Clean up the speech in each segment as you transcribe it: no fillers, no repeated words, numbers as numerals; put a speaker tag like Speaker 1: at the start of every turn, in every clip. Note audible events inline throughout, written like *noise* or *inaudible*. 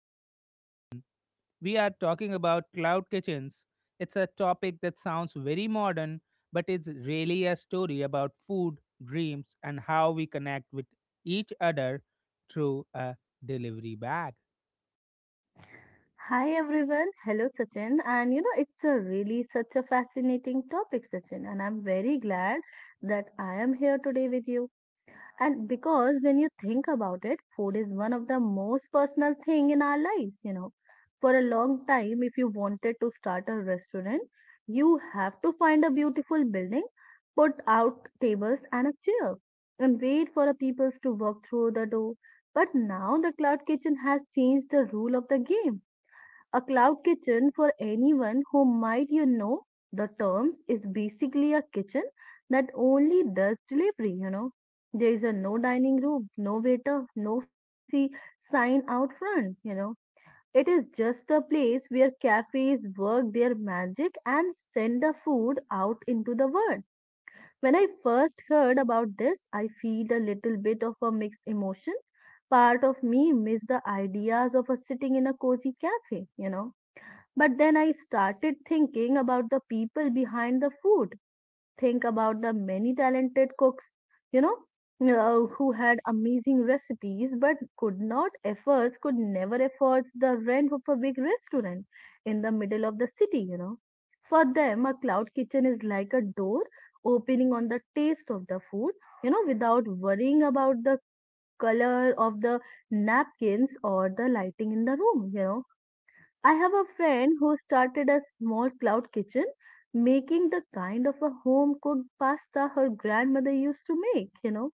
Speaker 1: one in person. We are talking about cloud kitchens. It's a topic that sounds very modern, but it's really a story about food, dreams, and how we connect with each other through a delivery bag.
Speaker 2: Hi everyone. Hello Sachin. And you know, it's a really such a fascinating topic, Sachin. And I'm very glad that I am here today with you. And because when you think about it, food is one of the most personal thing in our lives. For a long time, if you wanted to start a restaurant, you have to find a beautiful building, put out tables and a chair, and wait for the people to walk through the door. But now the cloud kitchen has changed the rule of the game. A cloud kitchen, for anyone who might the terms, is basically a kitchen that only does delivery. There is a no dining room, no waiter, no fancy sign out front. It is just a place where cafes work their magic and send the food out into the world. When I first heard about this, I feel a little bit of a mixed emotion. Part of me missed the ideas of a sitting in a cozy cafe, but then I started thinking about the people behind the food. Think about the many talented cooks, you know, who had amazing recipes but could not afford, could never afford the rent of a big restaurant in the middle of the city. For them, a cloud kitchen is like a door opening on the taste of the food, without worrying about the color of the napkins or the lighting in the room. I have a friend who started a small cloud kitchen, making the kind of a home cooked pasta her grandmother used to make,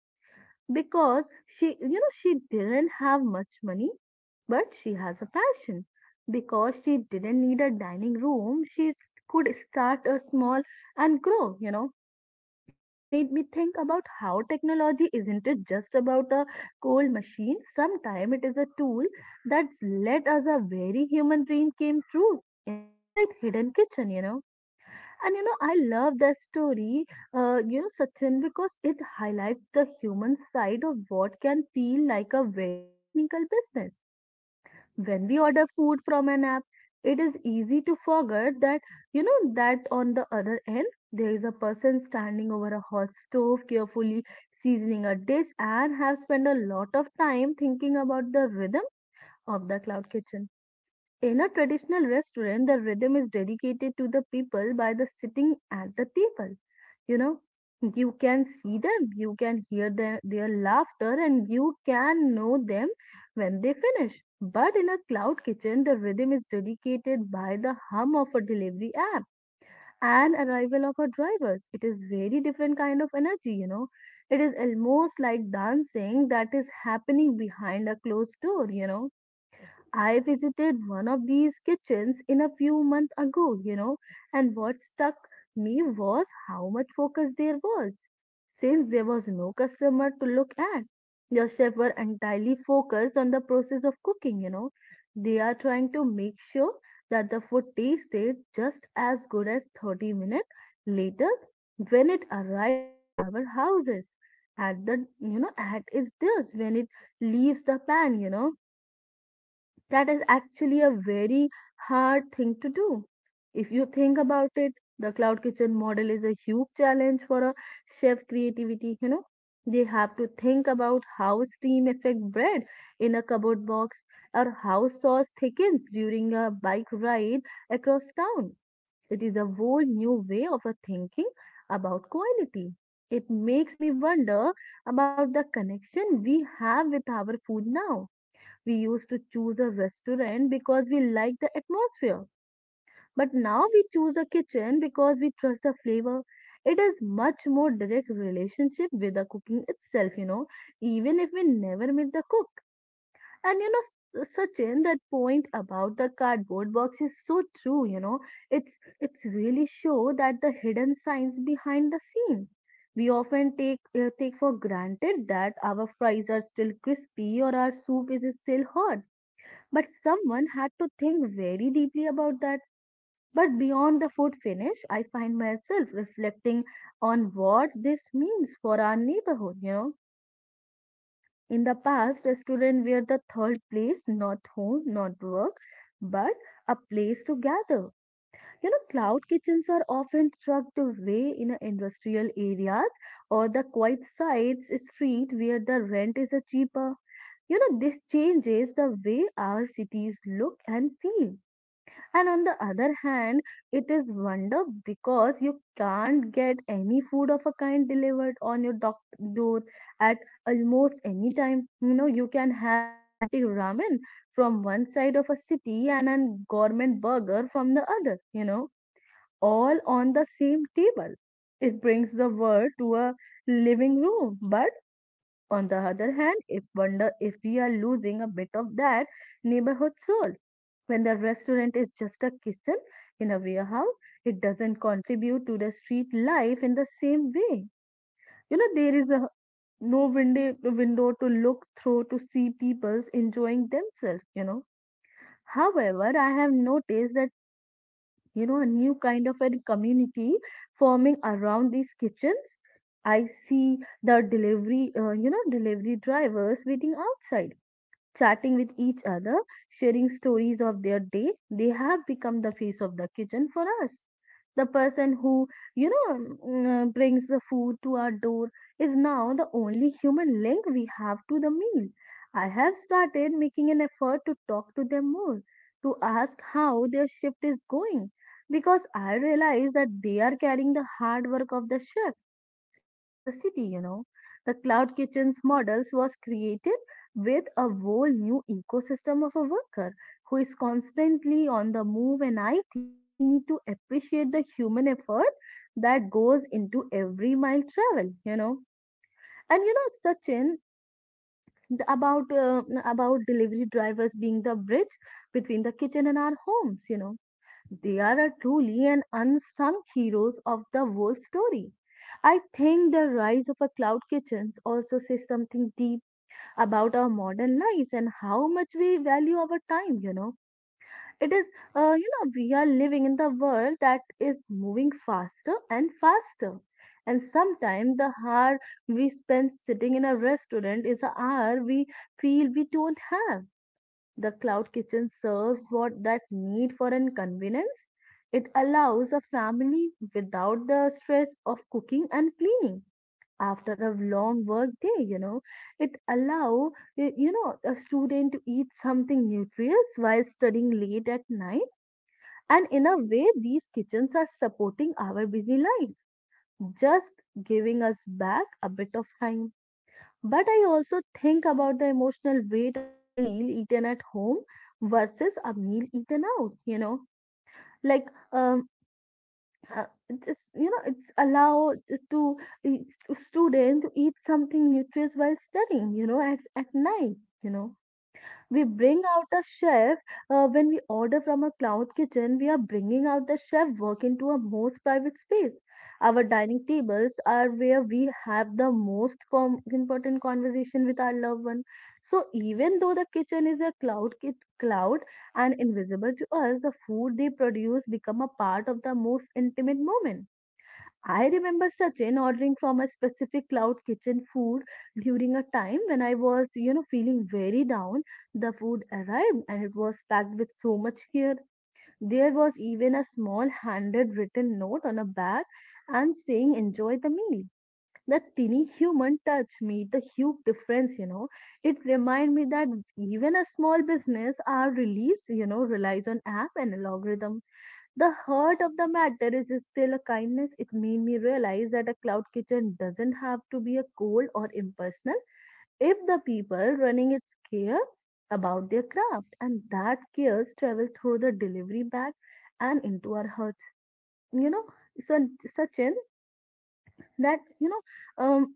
Speaker 2: because she didn't have much money, but she has a passion. Because she didn't need a dining room, could start a small and grow. It made me think about how technology isn't it just about a cold machine. Sometimes it is a tool that's let us a very human dream came true in a quiet hidden kitchen. I love that story, Sachin, because it highlights the human side of what can feel like a very technical business. When we order food from an app, it is easy to forget that you know that on the other end there is a person standing over a hot stove, carefully seasoning a dish, and have spent a lot of time thinking about the rhythm of the cloud kitchen. In a traditional restaurant, the rhythm is dedicated to the people by the sitting at the table. You know, you can see them, you can hear their laughter, and you can know them when they finish. But in a cloud kitchen, the rhythm is dedicated by the hum of a delivery app and arrival of our drivers. It is very different kind of energy, you know. It is almost like dancing that is happening behind a closed door. I visited one of these kitchens in a few months ago, and what stuck me was how much focus there was. Since there was no customer to look at, the chefs were entirely focused on the process of cooking, you know. They are trying to make sure that the food tasted just as good as 30 minutes later when it arrives to our houses. At the, at its dish when it leaves the pan, that is actually a very hard thing to do. If you think about it, the cloud kitchen model is a huge challenge for a chef creativity, you know. They have to think about how steam affect bread in a cupboard box or how sauce thickens during a bike ride across town. It is a whole new way of a thinking about quality. It makes me wonder about the connection we have with our food now. We used to choose a restaurant because we like the atmosphere, but now we choose a kitchen because we trust the flavor. It is much more direct relationship with the cooking itself, you know, even if we never meet the cook. And you know, S- Sachin, that point about the cardboard box is so true. You know, it's really show that the hidden signs behind the scene. We often take take for granted that our fries are still crispy or our soup is still hot, but someone had to think very deeply about that. But beyond the food finish, I find myself reflecting on what this means for our neighborhood. You know, in the past, restaurants were the third place, not home, not work, but a place to gather. You know, cloud kitchens are often tucked away in a industrial areas or the quiet sides street where the rent is a cheaper. You know, this changes the way our cities look and feel. And on the other hand, it is wonder because you can't get any food of a kind delivered on your door at almost any time. You know, you can have authentic ramen from one side of a city and a gourmet burger from the other, you know, all on the same table. It brings the world to a living room. But on the other hand, if wonder if we are losing a bit of that neighborhood soul. When the restaurant is just a kitchen in a warehouse, it doesn't contribute to the street life in the same way. You know, there is a no window to look through to see people's enjoying themselves, you know. However, I have noticed that, you know, a new kind of a community forming around these kitchens. I see the delivery drivers waiting outside, chatting with each other, sharing stories of their day. They have become the face of the kitchen for us. The person who brings the food to our door is now the only human link we have to the meal. I have started making an effort to talk to them more, to ask how their shift is going, because I realize that they are carrying the hard work of the chef across the city, you know. The cloud kitchens models was created with a whole new ecosystem of a worker who is constantly on the move, and I think we need to appreciate the human effort that goes into every mile travel, you know. Sachin, about delivery drivers being the bridge between the kitchen and our homes, they are truly an unsung heroes of the world story. I think the rise of a cloud kitchens also says something deep about our modern lives and how much we value our time, you know. It is, we are living in the world that is moving faster and faster. And sometimes the hour we spend sitting in a restaurant is an hour we feel we don't have. The cloud kitchen serves what that need for an convenience. It allows a family without the stress of cooking and cleaning after a long work day, you know. It allow a student to eat something nutritious while studying late at night. And in a way, these kitchens are supporting our busy life, just giving us back a bit of time. But I also think about the emotional weight of a meal eaten at home versus a meal eaten out, you know. Like, um, uh, it's allowed to student to eat something nutritious while studying, at night, you know we bring out a chef. When we order from a cloud kitchen, we are bringing out the chef work into a most private space. Our dining tables are where we have the most important conversation with our loved one. So even though the kitchen is a cloud and invisible to us, the food they produce become a part of the most intimate moment. I remember, Sachin, ordering from a specific cloud kitchen food during a time when I was, you know, feeling very down. The food arrived and it was packed with so much care. There was even a small handed written note on a bag and saying, "Enjoy the meal." That tiny human touch made the huge difference, you know. It reminded me that even a small business, our release, relies on app and algorithm. The heart of the matter is still a kindness. It made me realize that a cloud kitchen doesn't have to be a cold or impersonal if the people running it care about their craft, and that cares travel through the delivery bag and into our hearts. You know, so, Sachin, that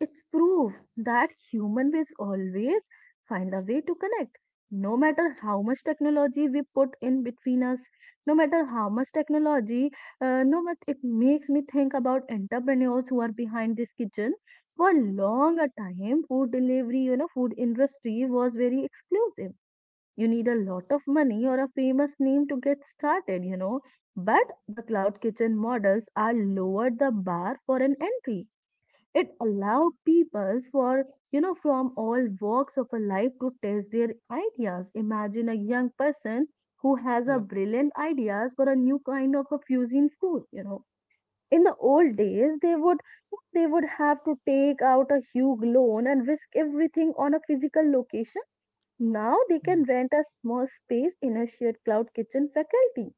Speaker 2: it's proof that human will always find a way to connect, no matter how much technology we put in between us, no matter how much technology, no matter it makes me think about entrepreneurs who are behind this kitchen. For long a time, food delivery, food industry was very exclusive. You need a lot of money or a famous name to get started. But the cloud kitchen models are lowered the bar for an entry. It allow people for from all walks of a life to test their ideas. Imagine a young person who has a
Speaker 1: Yeah.
Speaker 2: brilliant ideas for a new kind of a fusion food. In the old days, they would have to take out a huge loan and risk everything on a physical location. Now they
Speaker 1: Hmm.
Speaker 2: can rent a small space in a shared cloud kitchen faculty,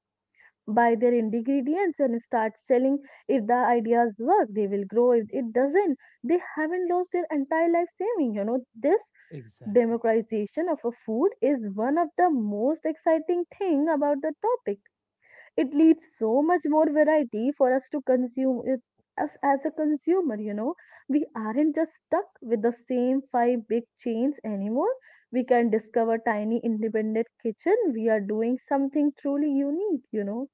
Speaker 2: buy their ingredients and start selling. If the ideas work, they will grow. If it doesn't, they haven't lost their entire life saving. This
Speaker 1: Exactly.
Speaker 2: democratization of a food is one of the most exciting thing about the topic. It leaves so much more variety for us to consume it, us as a consumer, we aren't just stuck with the same five big chains anymore. We can discover tiny independent kitchen, we are doing something truly unique.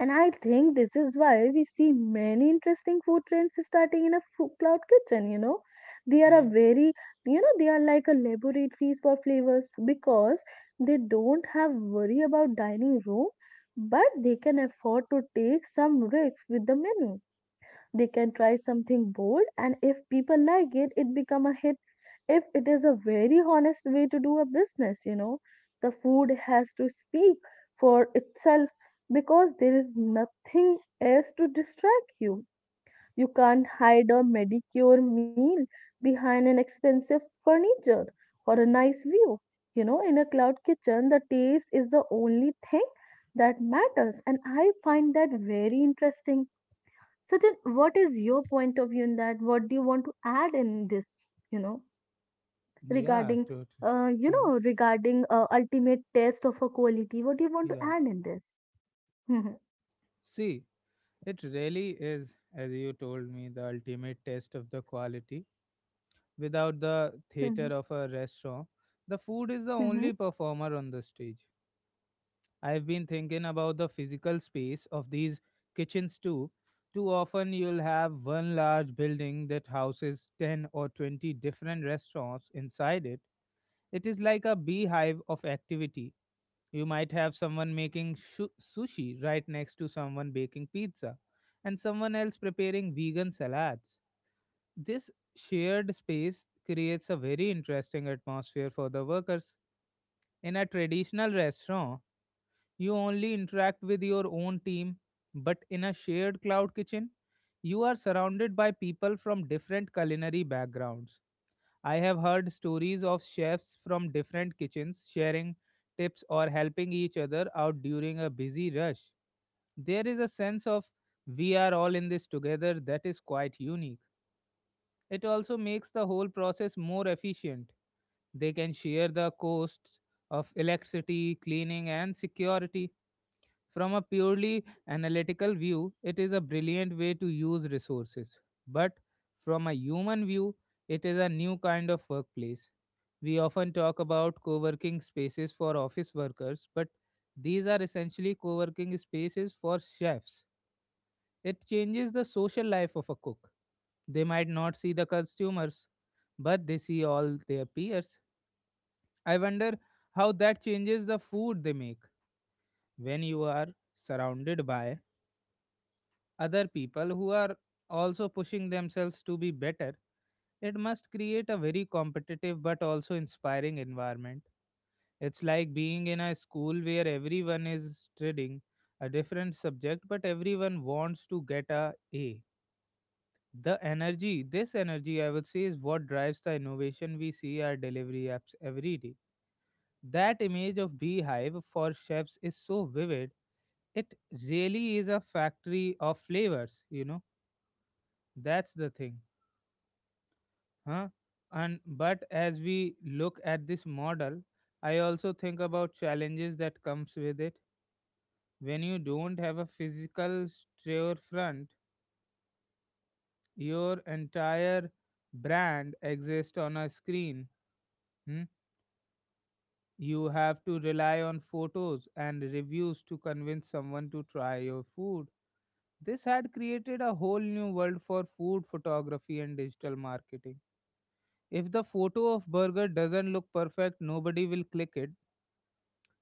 Speaker 2: And I think this is why we see many interesting food trends starting in a food cloud kitchen. They are a
Speaker 1: Yeah,
Speaker 2: very, they are like a laboratories for flavors, because they don't have worry about dining room, but they can afford to take some risks with the menu. They can try something bold, and if people like it become a hit. If it is a very honest way to do a business. The food has to speak for itself because there is nothing else to distract you. You can't hide a medicure meal behind an expensive furniture or a nice view. In a cloud kitchen, the taste is the only thing that matters, and I find that very interesting. So then, what is your point of view in that? What do you want to add in this, you know,
Speaker 1: yeah,
Speaker 2: regarding
Speaker 1: totally. Hmm.
Speaker 2: ultimate test of a quality? What do you want to
Speaker 1: Yeah.
Speaker 2: add in this? Mm-hmm.
Speaker 1: See, it really is, as you told me, the ultimate test of the quality. Without the theater
Speaker 2: Mm-hmm.
Speaker 1: of a restaurant, the food is the
Speaker 2: Mm-hmm.
Speaker 1: only performer on the stage. I've been thinking about the physical space of these kitchens too. Too often, you'll have one large building that houses 10 or 20 different restaurants inside it. It is like a beehive of activity. You might have someone making sushi right next to someone baking pizza and someone else preparing vegan salads. This shared space creates a very interesting atmosphere for the workers. In a traditional restaurant, you only interact with your own team, but in a shared cloud kitchen, you are surrounded by people from different culinary backgrounds. I have heard stories of chefs from different kitchens sharing tips or helping each other out during a busy rush. There is a sense of we are all in this together that is quite unique. It also makes the whole process more efficient. They can share the costs of electricity, cleaning, and security from a purely analytical view, it is a brilliant way to use resources. But from a human view, it is a new kind of workplace. We often talk about co working spaces for office workers, but these are essentially co working spaces for chefs. It changes the social life of a cook. They might not see the consumers, but they see all their peers. I wonder how that changes the food they make when you are surrounded by other people who are also pushing themselves to be better, it must create a very competitive but also inspiring environment. It's like being in a school where everyone is studying a different subject, but everyone wants to get a A. The energy, this energy, I would say, is what drives the innovation we see our delivery apps every day. That image of beehive for chefs is so vivid. It really is a factory of flavors, you know. That's the thing, huh? And but as we look at this model, I also think about challenges that comes with it. When you don't have a physical storefront, your entire brand exists on a screen. Hmm? You have to rely on photos and reviews to convince someone to try your food. This had created a whole new world for food photography and digital marketing. If the photo of burger doesn't look perfect, nobody will click it.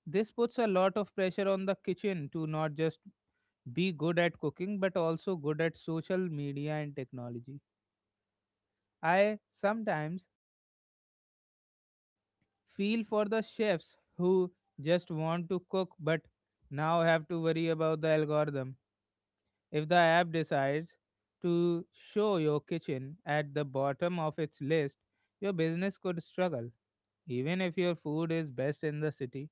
Speaker 1: This puts a lot of pressure on the kitchen to not just be good at cooking but also good at social media and technology. I sometimes feel for the chefs who just want to cook but now have to worry about the algorithm. If the app decides to show your kitchen at the bottom of its list, your business could struggle. Even if your food is best in the city,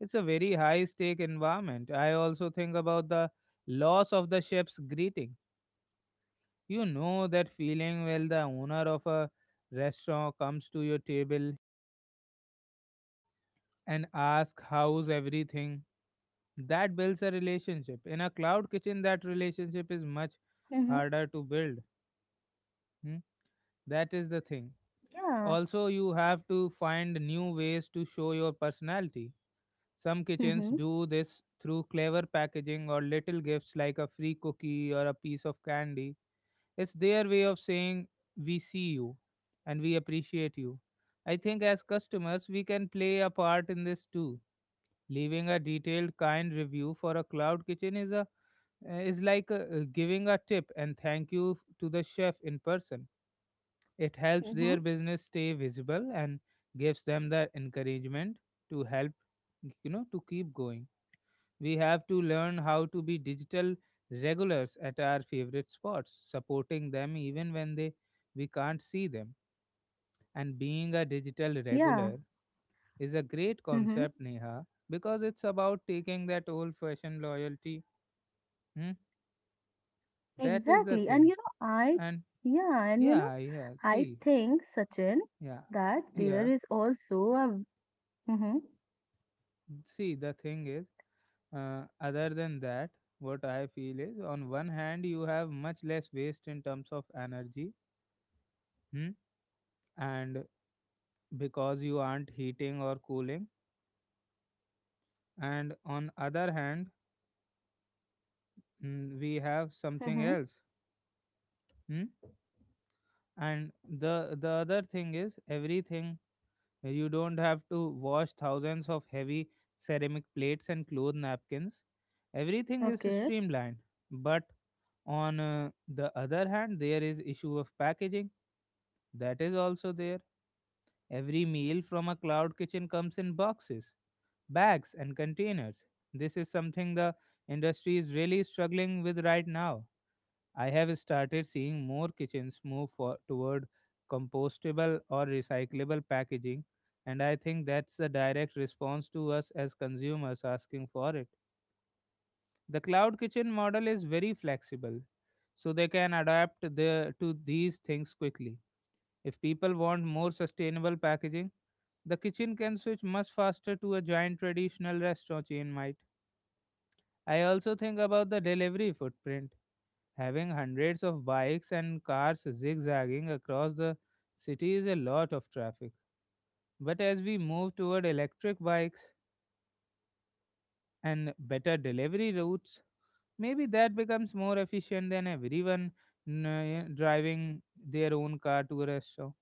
Speaker 1: it's a very high stake environment. I also think about the loss of the chef's greeting. You know that feeling when the owner of a restaurant comes to your table and asks how's everything. That builds a relationship. In a cloud kitchen, that relationship is much
Speaker 2: Mm-hmm.
Speaker 1: harder to build. Hmm? That is the thing.
Speaker 2: Yeah.
Speaker 1: Also, you have to find new ways to show your personality. Some kitchens
Speaker 2: Mm-hmm.
Speaker 1: do this through clever packaging or little gifts like a free cookie or a piece of candy. It's their way of saying, We see you and we appreciate you. I think as customers, we can play a part in this too. Leaving a detailed, kind review for a cloud kitchen is, a, is like giving a tip and thank you to the chef in person. It helps
Speaker 2: Mm-hmm.
Speaker 1: their business stay visible and gives them the encouragement to help, you know, to keep going. We have to learn how to be digital regulars at our favorite spots, supporting them even when they we can't see them. And being a digital
Speaker 2: Yeah.
Speaker 1: regular is a great
Speaker 2: Mm-hmm.
Speaker 1: concept, Neha, because it's about taking that old fashioned loyalty. Hmm? That is the
Speaker 2: Exactly. And
Speaker 1: thing. And
Speaker 2: yeah, and
Speaker 1: yeah, yeah,
Speaker 2: I
Speaker 1: see,
Speaker 2: think, Sachin,
Speaker 1: yeah,
Speaker 2: that
Speaker 1: *laughs*
Speaker 2: there
Speaker 1: Yeah,
Speaker 2: is also a, mm-hmm.
Speaker 1: see, the thing is, other than that, what I feel is on one hand, you have much less waste in terms of energy. Hmm? And because you aren't heating or cooling, and on other hand, mm, we have something
Speaker 2: Mm-hmm.
Speaker 1: else. Mm? And the other thing is everything, you don't have to wash thousands of heavy ceramic plates and cloth napkins, everything is
Speaker 2: Okay.
Speaker 1: streamlined. But on the other hand there is issue of packaging that is also there. Every meal from a cloud kitchen comes in boxes, bags and containers. This is something the industry is really struggling with right now. I have started seeing more kitchens move for, toward compostable or recyclable packaging, and I think that's a direct response to us as consumers asking for it. The cloud kitchen model is very flexible, so they can adapt the, to these things quickly. If people want more sustainable packaging, the kitchen can switch much faster to a giant traditional restaurant chain might. I also think about the delivery footprint. Having hundreds of bikes and cars zigzagging across the city is a lot of traffic. But as we move toward electric bikes and better delivery routes, maybe that becomes more efficient than everyone driving their own car to a restaurant.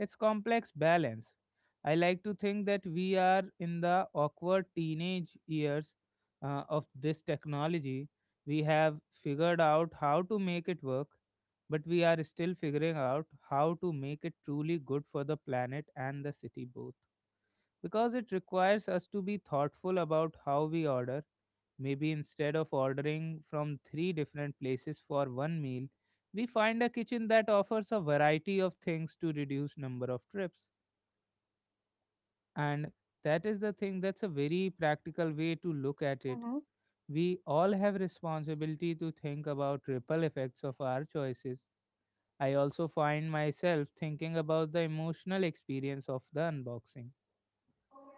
Speaker 1: It's complex balance. I like to think that we are in the awkward teenage years of this technology. We have figured out how to make it work, but we are still figuring out how to make it truly good for the planet and the city both because it requires us to be thoughtful about how we order. Maybe instead of ordering from three different places for one meal, we find a kitchen that offers a variety of things to reduce number of trips. And that is the thing, that's a very practical way to look at it.
Speaker 2: Mm-hmm.
Speaker 1: We all have responsibility to think about ripple effects of our choices. I also find myself thinking about the emotional experience of the unboxing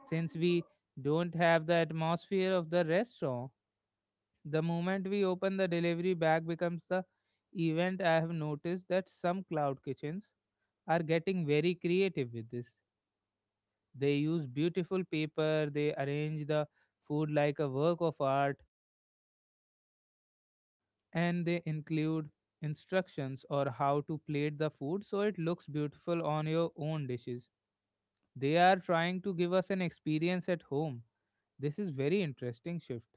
Speaker 1: since we don't have the atmosphere of the restaurant. The moment we open the delivery bag becomes the event. I have noticed that some cloud kitchens are getting very creative with this. They use beautiful paper, they arrange the food like a work of art, and they include instructions or how to plate the food so it looks beautiful on your own dishes. They are trying to give us an experience at home. This is very interesting shift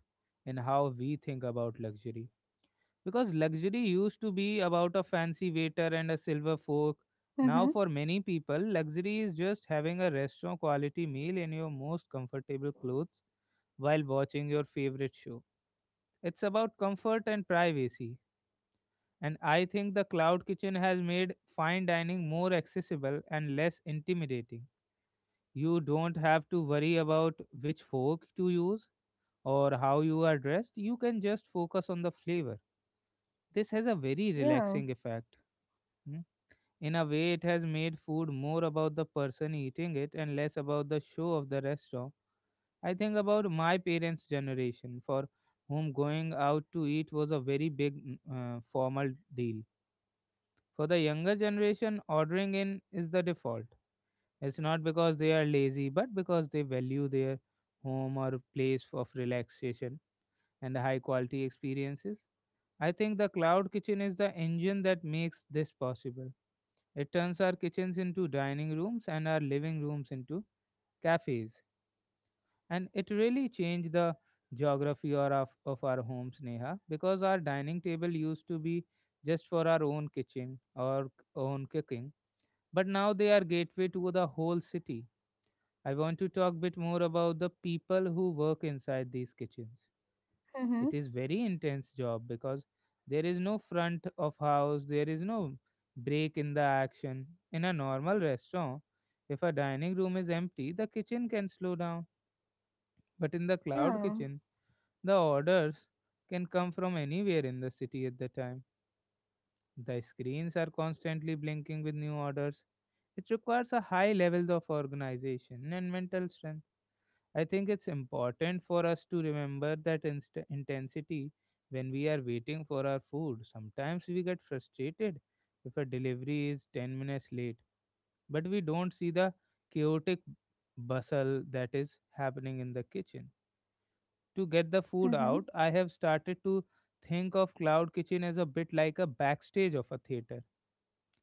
Speaker 1: in how we think about luxury because luxury used to be about a fancy waiter and a silver fork.
Speaker 2: Mm-hmm.
Speaker 1: Now for many people, luxury is just having a restaurant quality meal in your most comfortable clothes while watching your favorite show. It's about comfort and privacy. And I think the cloud kitchen has made fine dining more accessible and less intimidating. You don't have to worry about which fork to use or how you are dressed, you can just focus on the flavor. This has a very
Speaker 2: Yeah.
Speaker 1: relaxing effect. Hmm. In a way, it has made food more about the person eating it and less about the show of the restaurant. I think about my parents' generation, for whom going out to eat was a very big formal deal. For the younger generation, ordering in is the default. It's not because they are lazy, but because they value their home or place of relaxation and high quality experiences. I think the cloud kitchen is the engine that makes this possible. It turns our kitchens into dining rooms and our living rooms into cafes. And it really changed the geography or of our homes, Neha, because our dining table used to be just for our own kitchen or own cooking. But now they are gateway to the whole city. I want to talk a bit more about the people who work inside these kitchens.
Speaker 2: Mm-hmm.
Speaker 1: It is very intense job because there is no front of house, there is no break in the action. In a normal restaurant, if a dining room is empty the kitchen can slow down, but in the cloud
Speaker 2: Yeah.
Speaker 1: kitchen the orders can come from anywhere in the city at the time. The screens are constantly blinking with new orders. It requires a high level of organization and mental strength. I think it's important for us to remember that intensity when we are waiting for our food. Sometimes we get frustrated if a delivery is 10 minutes late, but we don't see the chaotic bustle that is happening in the kitchen. To get the food
Speaker 2: Hmm.
Speaker 1: out, I have started to think of cloud kitchen as a bit like a backstage of a theater.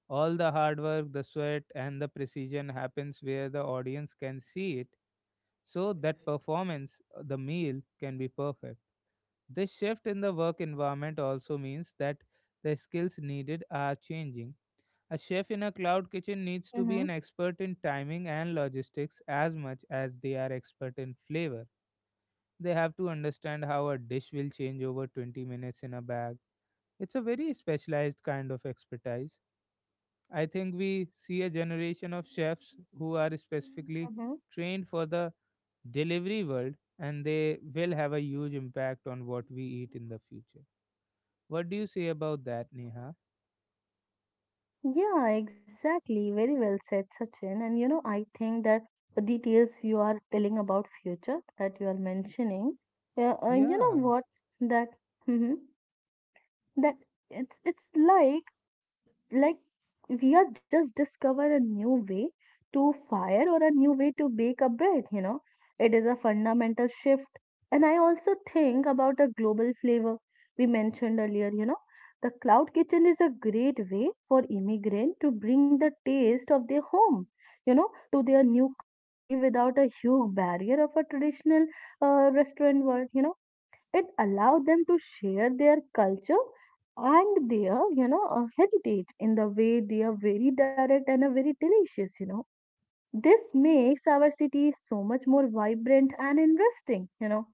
Speaker 1: All the hard work, the sweat, and the precision happens where the audience can see it so that performance, the meal, can be perfect. This shift in the work environment also means that the skills needed are changing. A chef in a cloud kitchen needs to
Speaker 2: Hmm.
Speaker 1: be an expert in timing and logistics as much as they are expert in flavor. They have to understand how a dish will change over 20 minutes in a bag. It's a very specialized kind of expertise. I think we see a generation of chefs who are specifically
Speaker 2: Hmm.
Speaker 1: trained for the delivery world, and they will have a huge impact on what we eat in the future. What do you say about that, Neha?
Speaker 2: Yeah, exactly. Very well said, Sachin. And I think that the details you are telling about future that you are mentioning, you
Speaker 1: Yeah,
Speaker 2: know what that hmm that it's like like we are just discover a new way to fire or a new way to bake a bread. It is a fundamental shift, and I also think about the global flavor we mentioned earlier. The cloud kitchen is a great way for immigrant to bring the taste of their home, to their new country without a huge barrier of a traditional restaurant world. It allowed them to share their culture and their heritage in the way they are very direct and are very delicious. This makes our city so much more vibrant and interesting.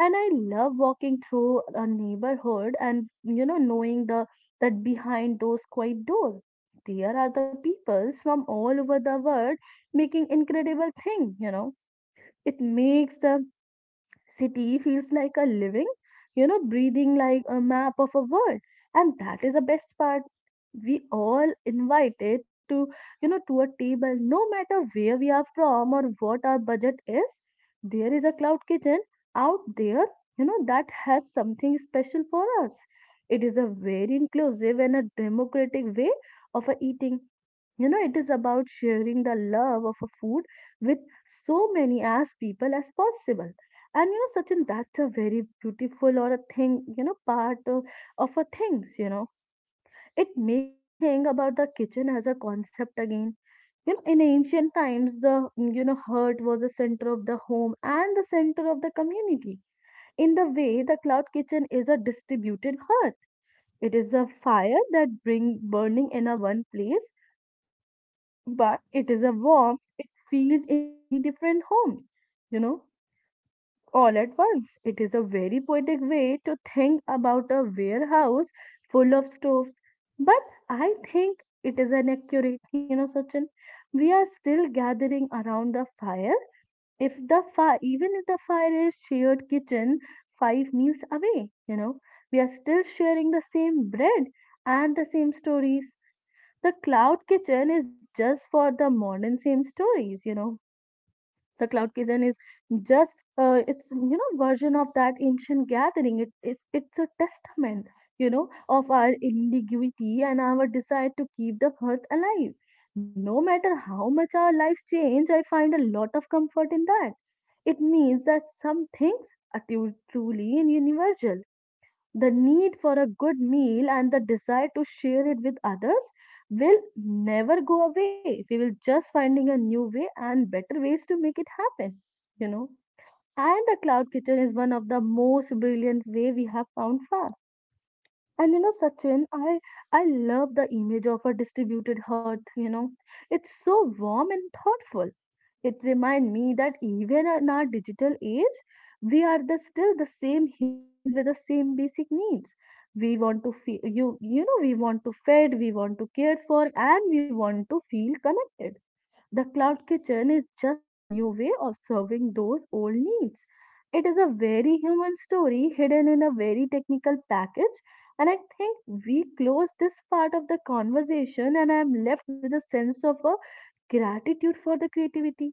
Speaker 2: And I love walking through a neighborhood and knowing the that behind those quiet doors there are the peoples from all over the world making incredible thing. It makes the city feels like a living, breathing like a map of a world. And that is the best part. We all invited to, to a table, no matter where we are from or what our budget is. There is a cloud kitchen out there, that has something special for us. It is a very inclusive and a democratic way of a eating. It is about sharing the love of a food with so many as people as possible. And Sachin, that's a very beautiful or a thing, part of a things. It make me think about the kitchen as a concept again. In ancient times, the hearth was the center of the home and the center of the community. In the way the cloud kitchen is a distributed hearth, it is a fire that bring burning in a one place, but it is a warmth it feels in many different homes, you know all at once. It is a very poetic way to think about a warehouse full of stoves, but I think it is inaccurate. Sachin, we are still gathering around the fire. Even if the fire is shared kitchen five meals away, we are still sharing the same bread and the same stories. The cloud kitchen is just for the modern same stories, the cloud kitchen is just it's version of that ancient gathering. It's a testament, of our ingenuity and our desire to keep the earth alive. No matter how much our lives change, I find a lot of comfort in that. It means that some things are truly universal, the need for a good meal and the desire to share it with others will never go away. We will just finding a new way and better ways to make it happen you know and the cloud kitchen is one of the most brilliant way we have found far. And Sachin, i I love the image of a distributed hearth. It's so warm and thoughtful. It reminds me that even in our digital age, we are still the same humans with the same basic needs. We want to feel, we want to fed, we want to cared for, and we want to feel connected. The cloud kitchen is just a new way of serving those old needs. It is a very human story hidden in a very technical package, and I think we close this part of the conversation, and I am left with a sense of a gratitude for the creativity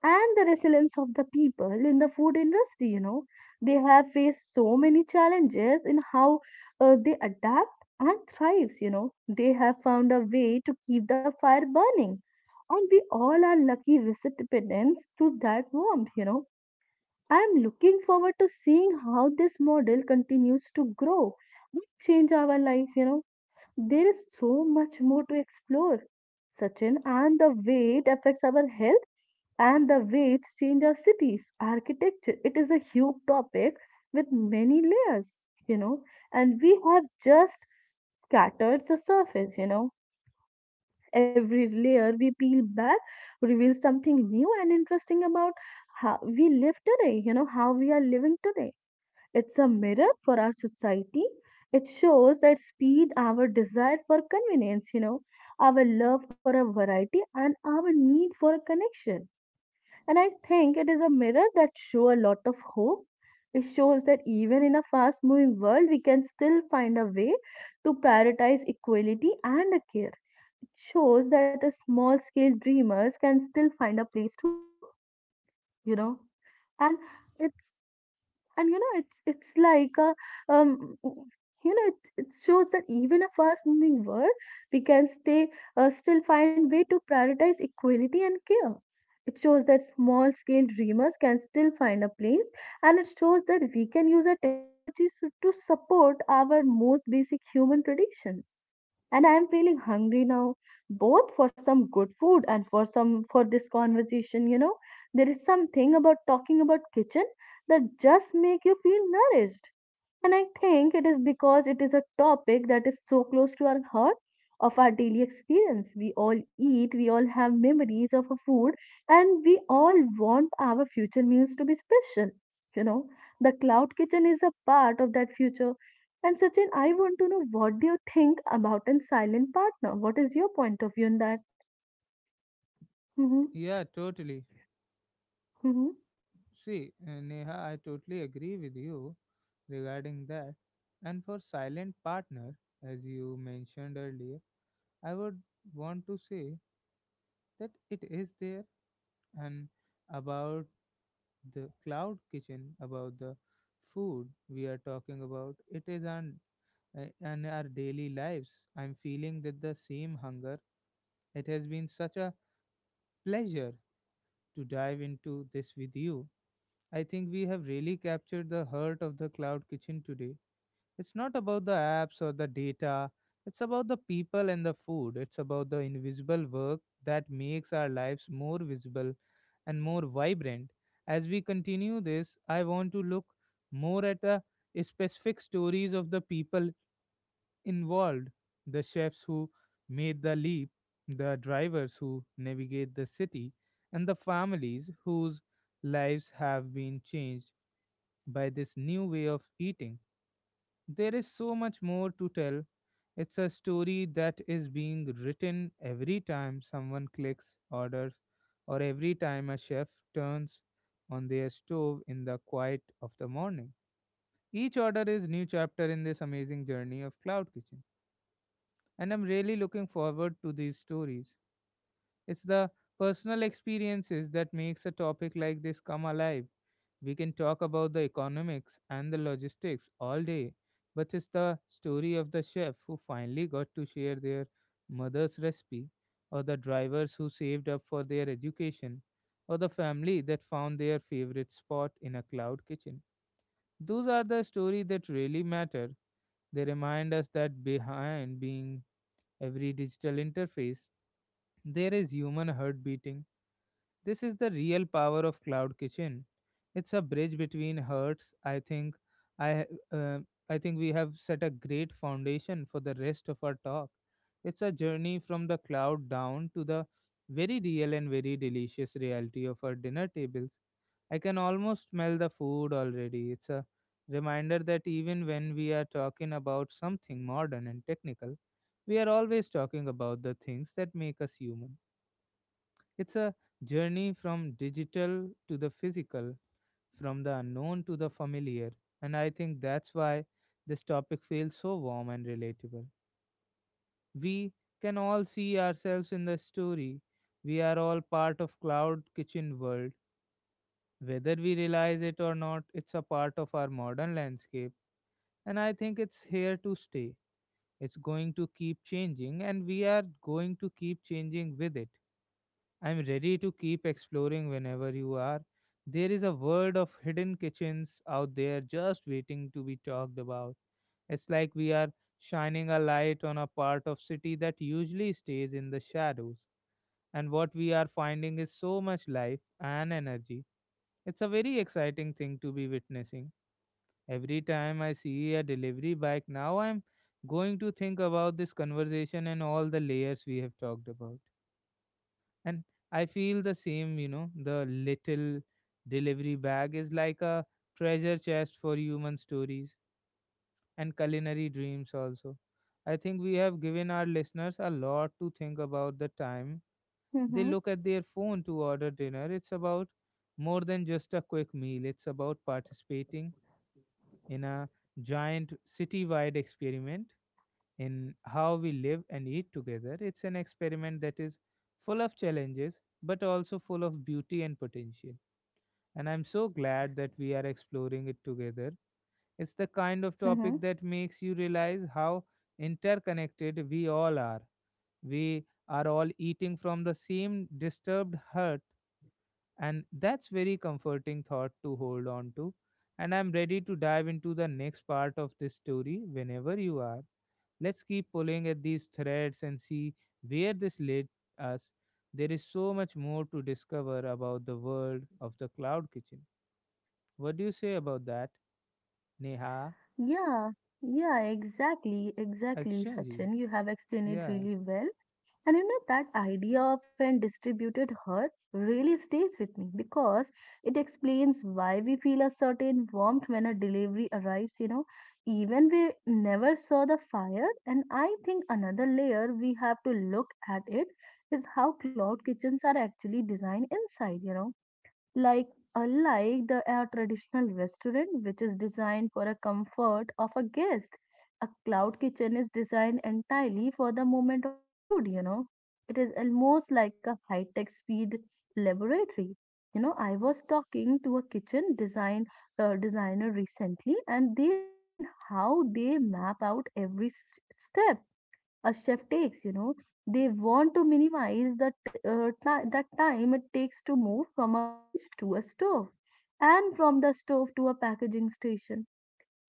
Speaker 2: and the resilience of the people in the food industry. They have faced so many challenges in how they adapt and thrives. They have found a way to keep the fire burning, and we all are lucky recipients to that warmth. I am looking forward to seeing how this model continues to grow and change our life. There is so much more to explore, Sachin, and the way it affects our health and the way change our cities architecture. It is a huge topic with many layers you know and we have just scattered the surface. Every layer we peel back reveals something new and interesting about how we live today, how we are living today. It's a mirror for our society. It shows that speed, our desire for convenience, our love for a variety and our need for a connection. And I think it is a mirror that show a lot of hope. It shows that even in a fast moving world, we can still find a way to prioritize equality and care. It shows that a small scale dreamers can still find a place to grow, you know. And it's it's like a um it shows that even a fast moving world, we can stay still find way to prioritize equality and care. It shows that small scale dreamers can still find a place, and it shows that we can use our technologies to support our most basic human traditions. And I am feeling hungry now, both for some good food and for some for this conversation. There is something about talking about kitchen that just make you feel nourished. And I think it is because it is a topic that is so close to our heart of our daily experience. We all eat, we all have memories of a food, and we all want our future meals to be special. You know, the cloud kitchen is a part of that future. And Sachin, I want to know what do you think about a silent partner? What is your point of view on that? Mm-hmm.
Speaker 1: yeah, totally.
Speaker 2: Mm-hmm.
Speaker 1: See, Neha, I totally agree with you regarding that. And for silent partner, as you mentioned earlier, I would want to say that it is there. And about the cloud kitchen, about the food we are talking about, it is an and our daily lives. I'm feeling that the same hunger. It has been such a pleasure to dive into this with you. I think we have really captured the heart of the cloud kitchen today. It's not about the apps or the data, it's about the people and the food. It's about the invisible work that makes our lives more visible and more vibrant. As we continue this, I want to look more at the specific stories of the people involved: the chefs who made the leap, the drivers who navigate the city, and the families whose lives have been changed by this new way of eating. There is so much more to tell. It's a story that is being written every time someone clicks, orders, or every time a chef turns on their stove in the quiet of the morning. Each order is new chapter in this amazing journey of cloud kitchen, and I'm really looking forward to these stories. It's the personal experiences that makes a topic like this come alive. We can talk about the economics and the logistics all day, but it's the story of the chef who finally got to share their mother's recipe, or the drivers who saved up for their education, or the family that found their favorite spot in a cloud kitchen. Those are the stories that really matter. They remind us that behind being every digital interface, there is human heart beating. This is the real power of Cloud Kitchen. It's a bridge between hearts. I ha- uh, I think we have set a great foundation for the rest of our talk. It's a journey from the cloud down to the very real and very delicious reality of our dinner tables. I can almost smell the food already. It's a reminder that even when we are talking about something modern and technical, we are always talking about the things that make us human. It's a journey from digital to the physical, from the unknown to the familiar, and I think that's why this topic feels so warm and relatable. We can all see ourselves in the story. We are all part of cloud kitchen world. Whether we realize it or not, it's a part of our modern landscape, and I think it's here to stay. It's going to keep changing, and we are going to keep changing with it. I'm ready to keep exploring whenever you are. There is a world of hidden kitchens out there just waiting to be talked about. It's like we are shining a light on a part of city that usually stays in the shadows. And what we are finding is so much life and energy. It's a very exciting thing to be witnessing. Every time I see a delivery bike now, I'm going to think about this conversation and all the layers we have talked about. And I feel the same, you know, the little delivery bag is like a treasure chest for human stories and culinary dreams also. I think we have given our listeners a lot to think about the time
Speaker 2: Mm-hmm.
Speaker 1: they look at their phone to order dinner. It's about more than just a quick meal, it's about participating in a giant city wide experiment in how we live and eat together. It's an experiment that is full of challenges, but also full of beauty and potential. And I'm so glad that we are exploring it together. It's the kind of
Speaker 2: Mm-hmm.
Speaker 1: topic that makes you realize how interconnected we all are. We are all eating from the same disturbed heart, and that's very comforting thought to hold on to. And I'm ready to dive into the next part of this story whenever you are. Let's keep pulling at these threads and see where this leads us. There is so much more to discover about the world of the cloud kitchen. What do you say about that, Neha?
Speaker 2: Yeah, yeah, exactly, exactly,
Speaker 1: Acha ji.
Speaker 2: Sachin. You have explained it
Speaker 1: Yeah,
Speaker 2: really well. And that idea of an distributed herd really stays with me because it explains why we feel a certain warmth when a delivery arrives, even we never saw the fire. And I think another layer we have to look at it is how cloud kitchens are actually designed inside, you know, like, unlike the a traditional restaurant, which is designed for a comfort of a guest, a cloud kitchen is designed entirely for the moment of a food, you know. It is almost like a high tech speed laboratory. You know, I was talking to a kitchen designer recently, and they explained how they map out every step a chef takes, you know, they want to minimize that time it takes to move from a fridge to a stove and from the stove to a packaging station.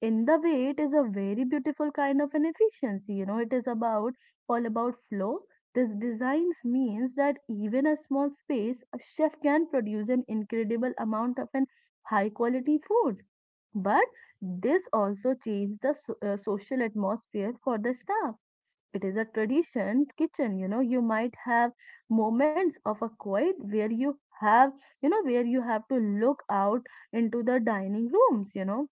Speaker 2: In the way, it is a very beautiful kind of an efficiency, you know, it is about all about flow. This designs means that even a small space a chef can produce an incredible amount of an high quality food. But this also changed the social atmosphere for the staff. It is a tradition kitchen, you know, you might have moments of a quiet where you have, you know, where you have to look out into the dining rooms, you know.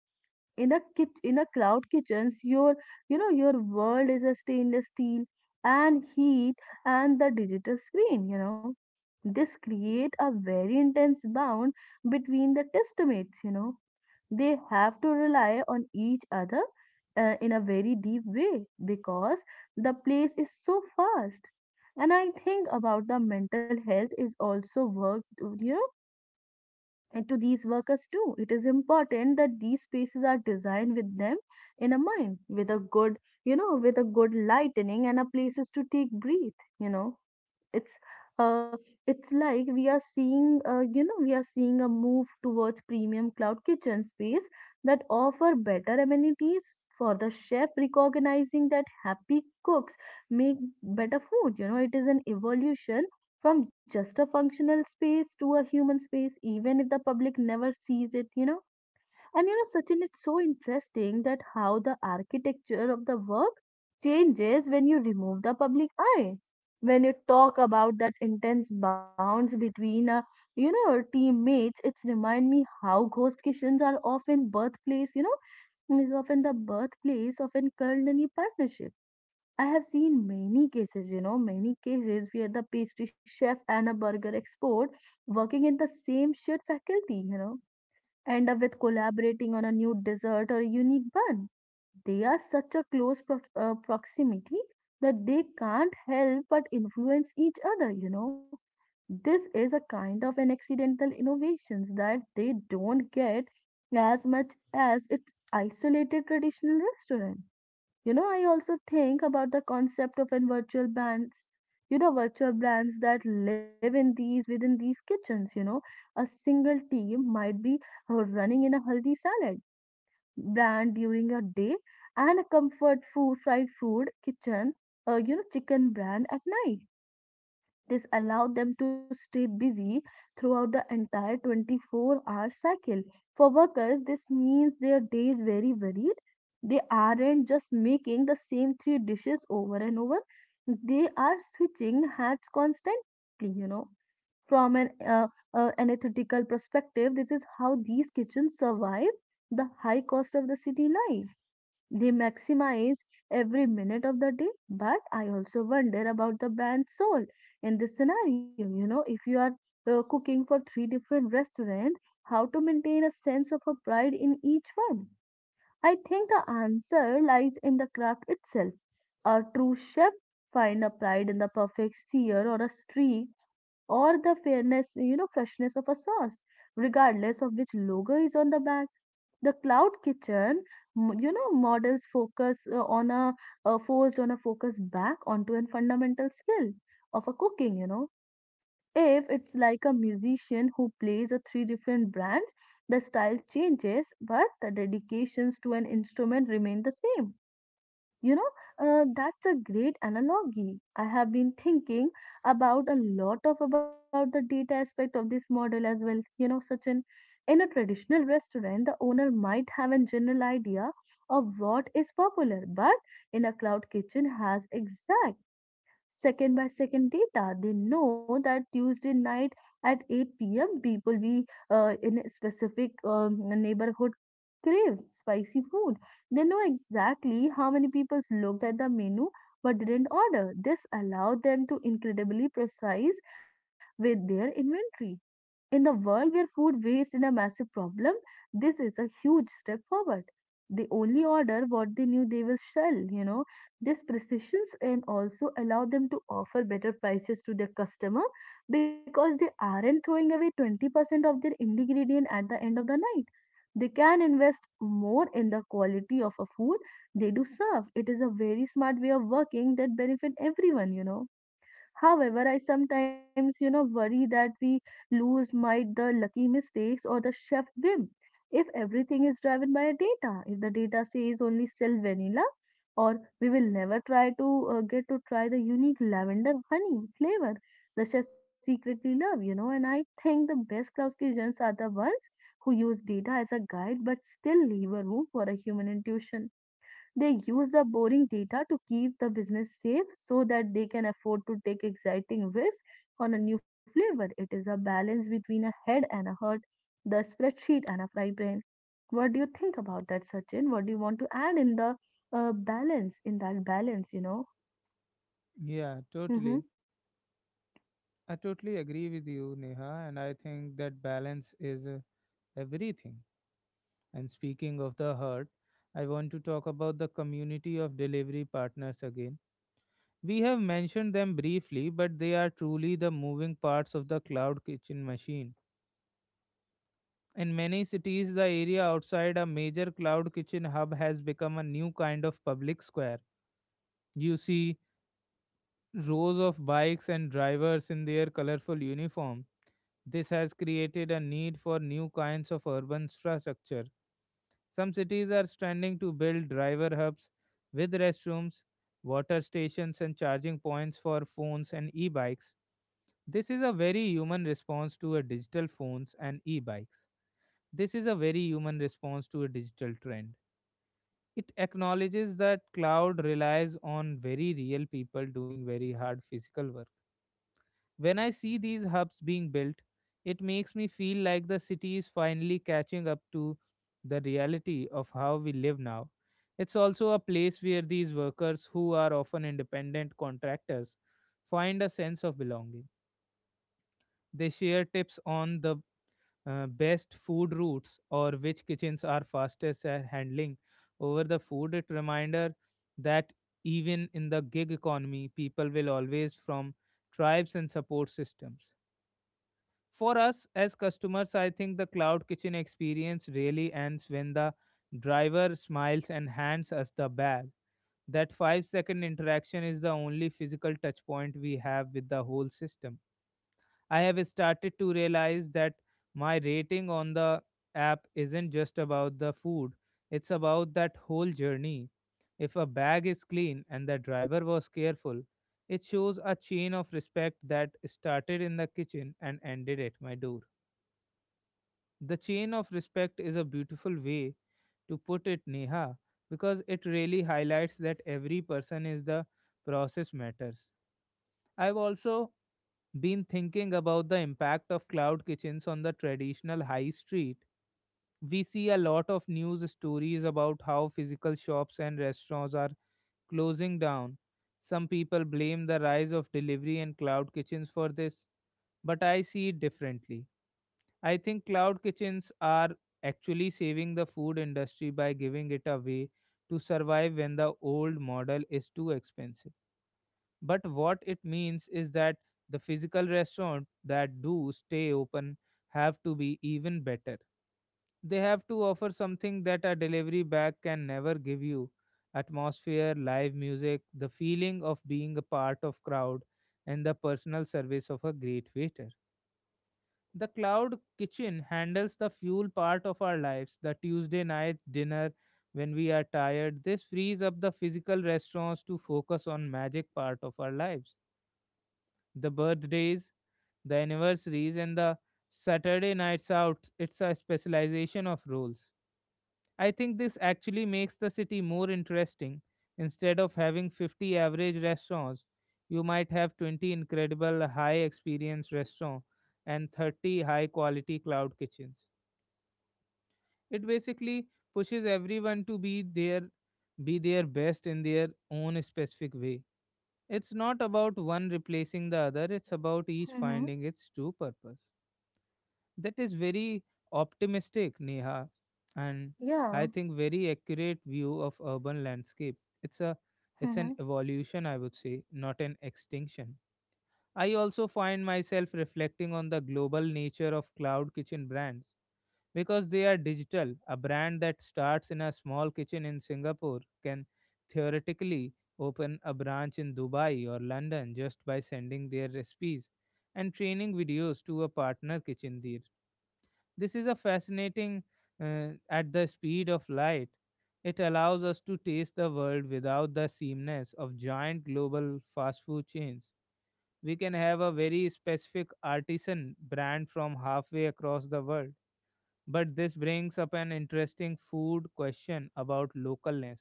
Speaker 2: In a cloud kitchens, your world is a stainless steel and heat and the digital screen, you know. This create a very intense bound between the testmates, you know, they have to rely on each other, in a very deep way because the place is so fast. And I think about the mental health is also worked, you know, into these workers too. It is important that these spaces are designed with them in a mind with a good, you know, with a good lightening and a places to take breath, you know. It's uh it's like we are seeing, you know, we are seeing a move towards premium cloud kitchen space that offer better amenities for the chef, recognizing that happy cooks make better food, you know. It is an evolution from just a functional space to a human space, even if the public never sees it, you know. And you know, Sachin, it's so interesting that how the architecture of the work changes when you remove the public eye. When you talk about that intense bounds between, you know, teammates, it's remind me how ghost kitchens are often birthplace, you know, is often the birthplace of an culinary partnership. I have seen many cases, you know, many cases where the pastry chef and a burger expert working in the same shared faculty, you know, end up with collaborating on a new dessert or a unique bun. They are such a close proximity that they can't help but influence each other, you know. This is a kind of an accidental innovations that they don't get as much as its isolated traditional restaurant. You know, I also think about the concept of in virtual brands, you know, virtual brands that live in these within these kitchens, you know. A single team might be, uh, running in a healthy salad brand during a day and a comfort food, fried food kitchen, you know, chicken brand at night. This allowed them to stay busy throughout the entire 24-hour cycle. For workers, this means their days very varied. They aren't just making the same three dishes over and over, they are switching hats constantly, you know. From an anesthetical perspective, this is how these kitchens survive the high cost of the city life. They maximize every minute of the day, but I also wonder about the brand soul in this scenario. You know, if you are, cooking for three different restaurants, how to maintain a sense of a pride in each one? I think the answer lies in the craft itself. A true chef find a pride in the perfect sear or a streak or the fairness, you know, freshness of a sauce, regardless of which logo is on the bag. The cloud kitchen, you know, models focus on a forced on a focus back onto a fundamental skill of a cooking. You know, if it's like a musician who plays a three different brands, the style changes, but the dedications to an instrument remain the same, you know, that's a great analogy. I have been thinking about a lot of about the data aspect of this model as well. You know, such an in a traditional restaurant, the owner might have a general idea of what is popular, but in a cloud kitchen has exact second by second data. They know that Tuesday night at 8 p.m. people be, in a specific neighborhood crave spicy food. They know exactly how many people looked at the menu but didn't order. This allowed them to incredibly precise with their inventory. In the world where food waste is a massive problem, this is a huge step forward. They only order what they knew they will sell, you know. This precisions and also allow them to offer better prices to their customer because they aren't throwing away 20% of their ingredient at the end of the night. They can invest more in the quality of a food they do serve. It is a very smart way of working that benefit everyone, you know. However, I sometimes, you know, worry that we lose might the lucky mistakes or the chef whim. If everything is driven by data, if the data says only sell vanilla, or we will never try to, get to try the unique lavender honey flavor the chef secretly love, you know. And I think the best Klaus kitchens are the ones who use data as a guide but still leave a room for a human intuition. They use the boring data to keep the business safe so that they can afford to take exciting risks on a new flavor. It is a balance between a head and a heart, the spreadsheet and a fry brain. What do you think about that, Sachin? What do you want to add in the, in that balance, you know?
Speaker 1: yeah,
Speaker 2: Mm-hmm.
Speaker 1: totally. I totally agree with you, Neha, and I think that balance is everything. And speaking of the heart, I want to talk about the community of delivery partners again. We have mentioned them briefly, but they are truly the moving parts of the cloud kitchen machine. In many cities, the area outside a major cloud kitchen hub has become a new kind of public square. You see rows of bikes and drivers in their colorful uniform. This has created a need for new kinds of urban infrastructure. Some cities are standing to build driver hubs with restrooms, water stations, and charging points for phones and e bikes. This is a very human response to a digital phones and e-bikes. This is a very human response to a digital trend. It acknowledges that cloud relies on very real people doing very hard physical work. When I see these hubs being built, it makes me feel like the city is finally catching up to the reality of how we live now. It's also a place where these workers, who are often independent contractors, find a sense of belonging. They share tips on the best food routes or which kitchens are fastest at handling over the food. It reminder that even in the gig economy people will always from tribes and support systems. For us as customers, I think the cloud kitchen experience really ends when the driver smiles and hands us the bag. That 5-second interaction is the only physical touch point we have with the whole system. I have started to realize that my rating on the app isn't just about the food, it's about that whole journey. If a bag is clean and the driver was careful, it shows a chain of respect that started in the kitchen and ended at my door. The chain of respect is a beautiful way to put it, Neha, because it really highlights that every person is the process matters. I've also been thinking about the impact of cloud kitchens on the traditional high street. We see a lot of news stories about how physical shops and restaurants are closing down. Some people blame the rise of delivery and cloud kitchens for this, but I see it differently. I think cloud kitchens are actually saving the food industry by giving it a way to survive when the old model is too expensive. But what it means is that the physical restaurant that do stay open have to be even better. They have to offer something that a delivery bag can never give you: atmosphere, live music, the feeling of being a part of crowd, and the personal service of a great waiter. The cloud kitchen handles the fuel part of our lives, the tuesday night dinner when we are tired. This frees up the physical restaurants to focus on magic part of our lives: the birthdays, the anniversaries, and the Saturday nights out. It's a specialization of roles. I think this actually makes the city more interesting. Instead of having 50 average restaurants, you might have 20 incredible high experience restaurants and 30 high quality cloud kitchens. It basically pushes everyone to be their best in their own specific way. It's not about one replacing the other, it's about each
Speaker 2: Mm-hmm.
Speaker 1: finding its true purpose. That is very optimistic, Neha, and I
Speaker 2: Yeah.
Speaker 1: think very accurate view of urban landscape. It's a it's an
Speaker 2: Mm-hmm.
Speaker 1: evolution, I would say, not an extinction. I also find myself reflecting on the global nature of cloud kitchen brands because they are digital. A brand that starts in a small kitchen in Singapore can theoretically open a branch in Dubai or London just by sending their recipes and training videos to a partner kitchen there. This is a fascinating at the speed of light. It allows us to taste the world without the seamness of giant global fast food chains. We can have a very specific artisan brand from halfway across the world. But this brings up an interesting food question about localness.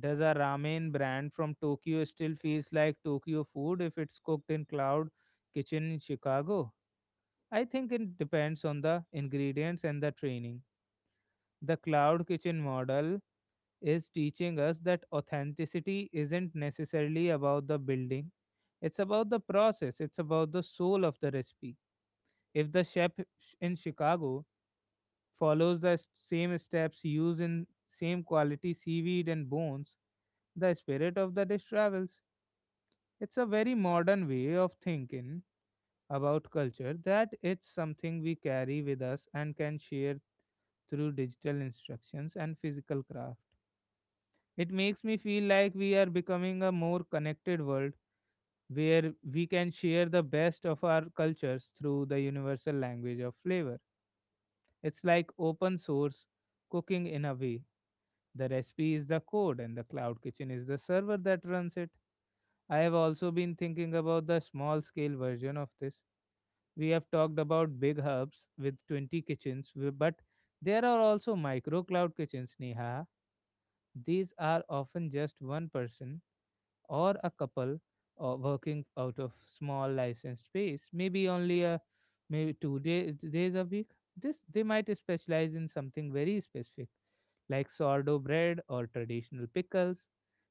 Speaker 1: Does a ramen brand from Tokyo still feels like Tokyo food if it's cooked in cloud kitchen in Chicago? I think it depends on the ingredients and the training. The cloud kitchen model is teaching us that authenticity isn't necessarily about the building, it's about the process, it's about the soul of the recipe. If the chef in Chicago follows the same steps used in same quality seaweed and bones, the spirit of the dish travels. It's a very modern way of thinking about culture that it's something we carry with us and can share through digital instructions and physical craft. It makes me feel like we are becoming a more connected world where we can share the best of our cultures through the universal language of flavor. It's like open source cooking in a way. The recipe is the code, and the cloud kitchen is the server that runs it. I have also been thinking about the small scale version of this. We have talked about big hubs with 20 kitchens, but there are also micro cloud kitchens, Neha. These are often just one person or a couple working out of small licensed space, maybe only a maybe two days a week. This they might specialize in something very specific, like sourdough bread or traditional pickles.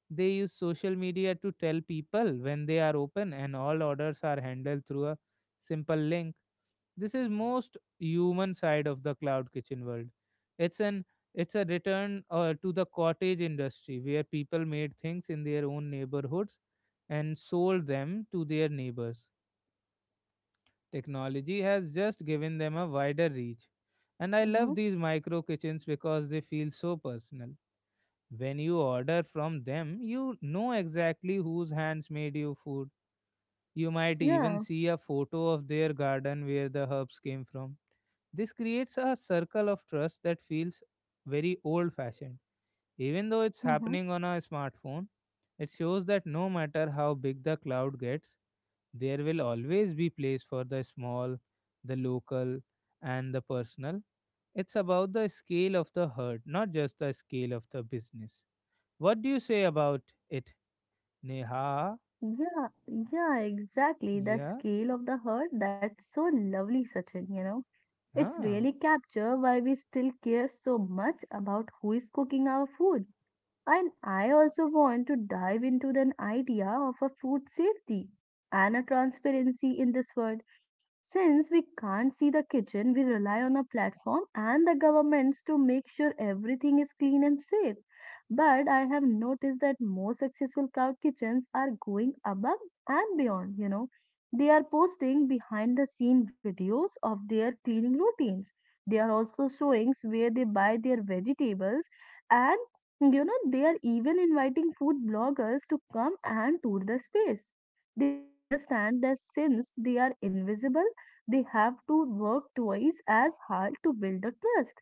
Speaker 1: They use social media to tell people when they are open, and all orders are handled through a simple link. This is most human side of the cloud kitchen world. It's an it's a return to the cottage industry where people made things in their own neighborhoods and sold them to their neighbors. Technology has just given them a wider reach. And I love
Speaker 2: Mm-hmm.
Speaker 1: these micro kitchens because they feel so personal. When you order from them, you know exactly whose hands made your food. You might even
Speaker 2: Yeah.
Speaker 1: see a photo of their garden where the herbs came from. This creates a circle of trust that feels very old fashioned. Even though it's
Speaker 2: Mm-hmm.
Speaker 1: happening on a smartphone, it shows that no matter how big the cloud gets, there will always be place for the small, the local, and the personal. It's about the scale of the herd, not just the scale of the business. What do you say about it, Neha?
Speaker 2: Yeah, yeah, exactly. The
Speaker 1: Yeah,
Speaker 2: scale of the herd, that's so lovely, Sachin, you know. It's
Speaker 1: yeah,
Speaker 2: really capture why we still care so much about who is cooking our food. And I also want to dive into the idea of a food safety and a transparency in this world. Since we can't see the kitchen, we rely on a platform and the governments to make sure everything is clean and safe. But I have noticed that more successful cloud kitchens are going above and beyond, you know. They are posting behind the scene videos of their cleaning routines. They are also showing where they buy their vegetables and, you know, they are even inviting food bloggers to come and tour the space. They understand that since they are invisible, they have to work twice as hard to build a trust.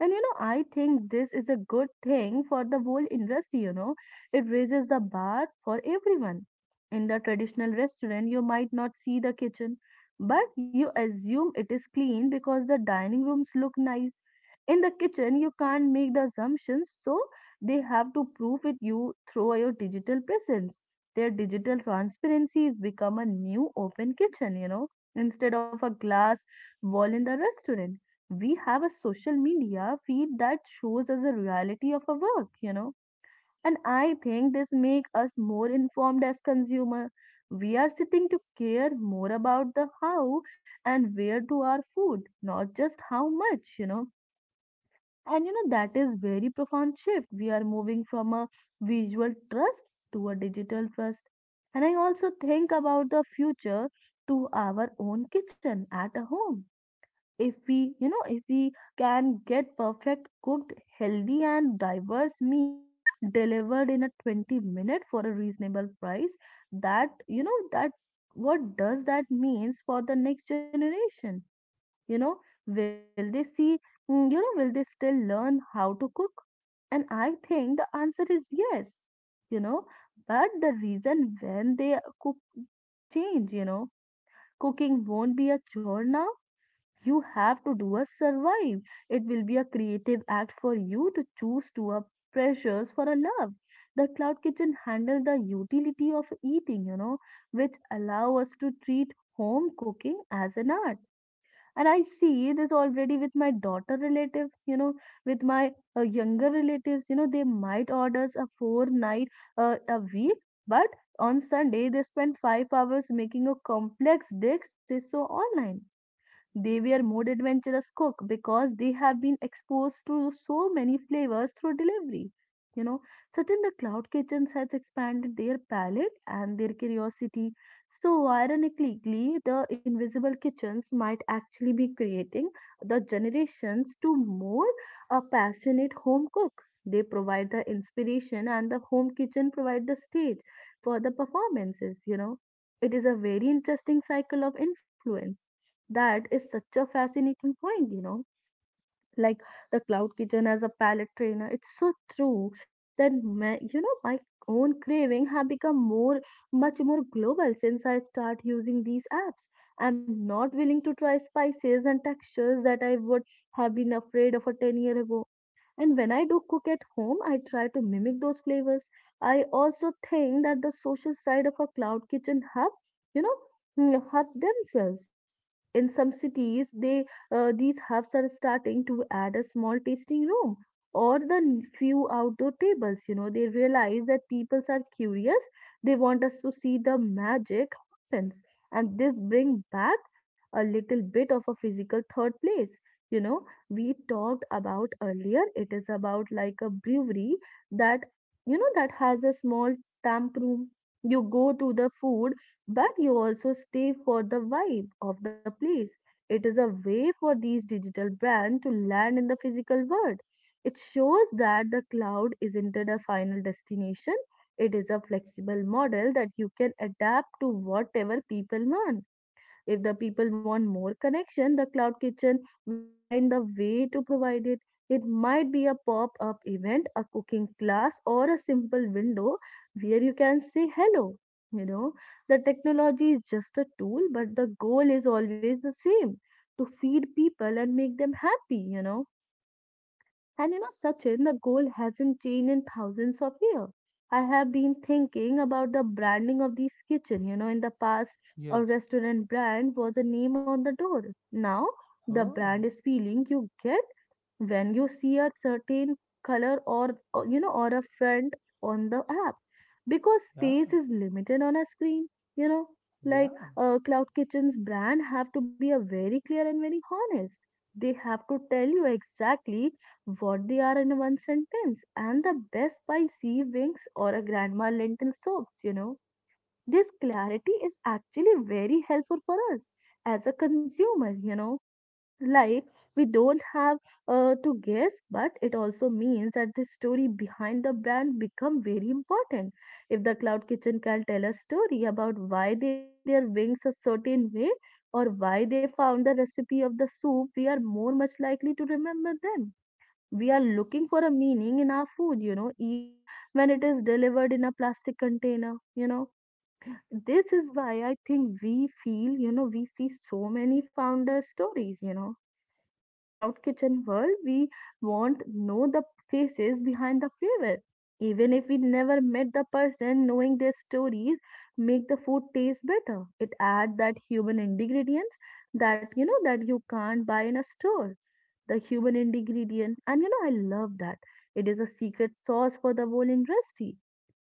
Speaker 2: And you know, I think this is a good thing for the whole industry, you know. It raises the bar for everyone. In the traditional restaurant, you might not see the kitchen, but you assume it is clean because the dining rooms look nice. In the kitchen, you can't make the assumptions, so they have to prove it you through your digital presence. Their digital transparency is become a new open kitchen, you know, instead of a glass wall in the restaurant. We have a social media feed that shows us the reality of our work, you know. And I think this make us more informed as consumer. We are sitting to care more about the how and where to our food, not just how much, you know. And you know, that is very profound shift. We are moving from a visual trust to a digital trust. And I also think about the future to our own kitchen at a home. If we can get perfect cooked healthy and diverse meal delivered in a 20 minute for a reasonable price, that, you know, that what does that means for the next generation, you know, will they see, you know, will they still learn how to cook? And I think the answer is yes, you know, but the reason when they cook will change, you know. Cooking won't be a chore now you have to do a survive. It will be a creative act for you to choose to a pressures for a love. The cloud kitchen handle the utility of eating, you know, which allow us to treat home cooking as an art. And I see this already with my daughter relatives, you know, with my, younger relatives, you know, they might order us a four night a week, but on Sunday they spend 5 hours making a complex dish they saw online. They were more adventurous cook because they have been exposed to so many flavors through delivery. You know, Sachin, the cloud kitchens has expanded their palate and their curiosity. So ironically, the invisible kitchens might actually be creating the generations to more a passionate home cook. They provide the inspiration and the home kitchen provide the stage for the performances, you know. It is a very interesting cycle of influence. That is such a fascinating point, you know. Like the cloud kitchen as a palate trainer, it's so true that my, my own craving have become more, much more global since I start using these apps. I'm not willing to try spices and textures that I would have been afraid of a 10 year ago, and when I do cook at home, I try to mimic those flavors. I also think that the social side of a cloud kitchen hub, you know, hub themselves. In some cities, they these hubs are starting to add a small tasting room or the few outdoor tables. You know, they realize that people are curious. They want us to see the magic happens, and this bring back a little bit of a physical third place. You know, we talked about earlier. It is about like a brewery that, you know, that has a small stamp room. You go to the food, but you also stay for the vibe of the place. It is a way for these digital brands to land in the physical world. It shows that the cloud isn't a final destination. It is a flexible model that you can adapt to whatever people want. If the people want more connection, the cloud kitchen will find the way to provide it. It might be a pop up event, a cooking class, or a simple window where you can say hello. You know, the technology is just a tool, but the goal is always the same to feed people and make them happy, and you know, Sachin, the goal hasn't changed in thousands of years. I have been thinking about the branding of this kitchen. You know, in the past,
Speaker 1: yeah.
Speaker 2: a restaurant brand was a name on the door. Now, the
Speaker 1: Oh,
Speaker 2: brand is feeling you get when you see a certain color or, you know or a font on the app because
Speaker 1: yeah,
Speaker 2: space is limited on a screen, you know, like
Speaker 1: yeah,
Speaker 2: cloud kitchen's brand have to be a very clear and very honest. They have to tell you exactly what they are in one sentence, and the best by sea wings or a grandma lentil soaps, you know, this clarity is actually very helpful for us as a consumer, you know, like, we don't have to guess. But it also means that the story behind the brand become very important. If the cloud kitchen can tell a story about why they make their wings a certain way or why they found the recipe of the soup, we are more much likely to remember them. We are looking for a meaning in our food, you know, even when it is delivered in a plastic container, this is why I think we feel, we see so many founder stories, you know, in a cloud kitchen world, we won't know the faces behind the flavor. Even if we never met the person, knowing their stories make the food taste better. It adds that human ingredients that, that you can't buy in a store. The human ingredient, and you know I love that. It is a secret sauce for the whole industry,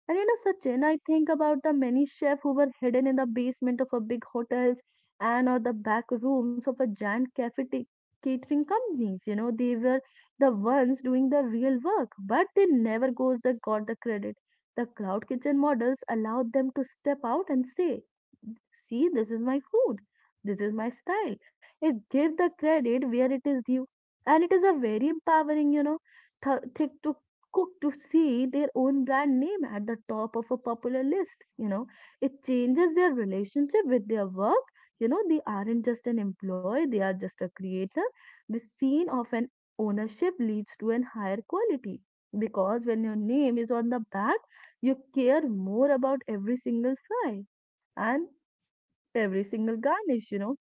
Speaker 2: and you know, Sachin, I think about the many chefs who were hidden in the basement of a big hotels and or the back rooms of a giant catering companies. You know, they were the ones doing the real work, but they never goes the got the credit. The cloud kitchen models allowed them to step out and say, "See, this is my food. This is my style." It gave the credit where it is due, and it is a very empowering, you know, thing to cooked to see their own brand name at the top of a popular list. You know, it changes their relationship with their work. You know, they aren't just an employee, they are just a creator. The scene of an ownership leads to an higher quality, because when your name is on the back, you care more about every single fry and every single garnish, you know.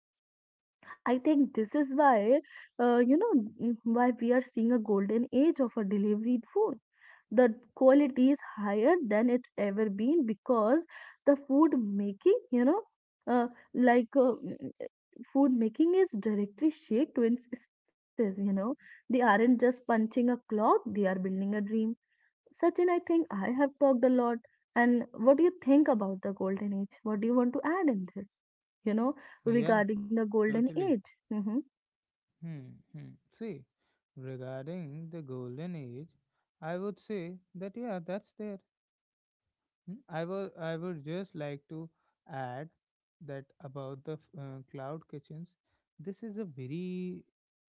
Speaker 2: I think this is why, uh, you know, why we are seeing a golden age of a delivery food. The quality is higher than it's ever been because the food making, uh, like uh, mm, mm, food making is directly shaped to its success. You know, they aren't just punching a clock; they are building a dream. Sachin, I think I have talked a lot. And what do you think about the golden age? What do you want to add in this? You know,
Speaker 1: yeah.
Speaker 2: regarding the golden
Speaker 1: Totally.
Speaker 2: age. Hmm.
Speaker 1: Hmm, hmm. See, regarding the golden age, I would say that yeah, that's there. I would just like to add that about the cloud kitchens. This is a very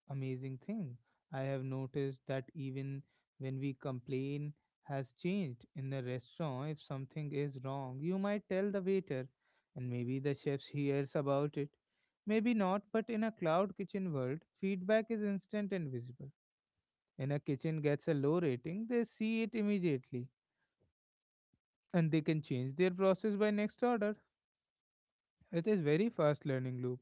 Speaker 1: amazing thing. I have noticed that even when we complain has changed in the restaurant, if something is wrong, you might tell the waiter, and maybe the chefs *laughs* hears about it. Maybe not, but in a cloud kitchen world, feedback is instant and visible. When a kitchen gets a low rating, they see it immediately and they can change their process by next order. It is very fast learning loop.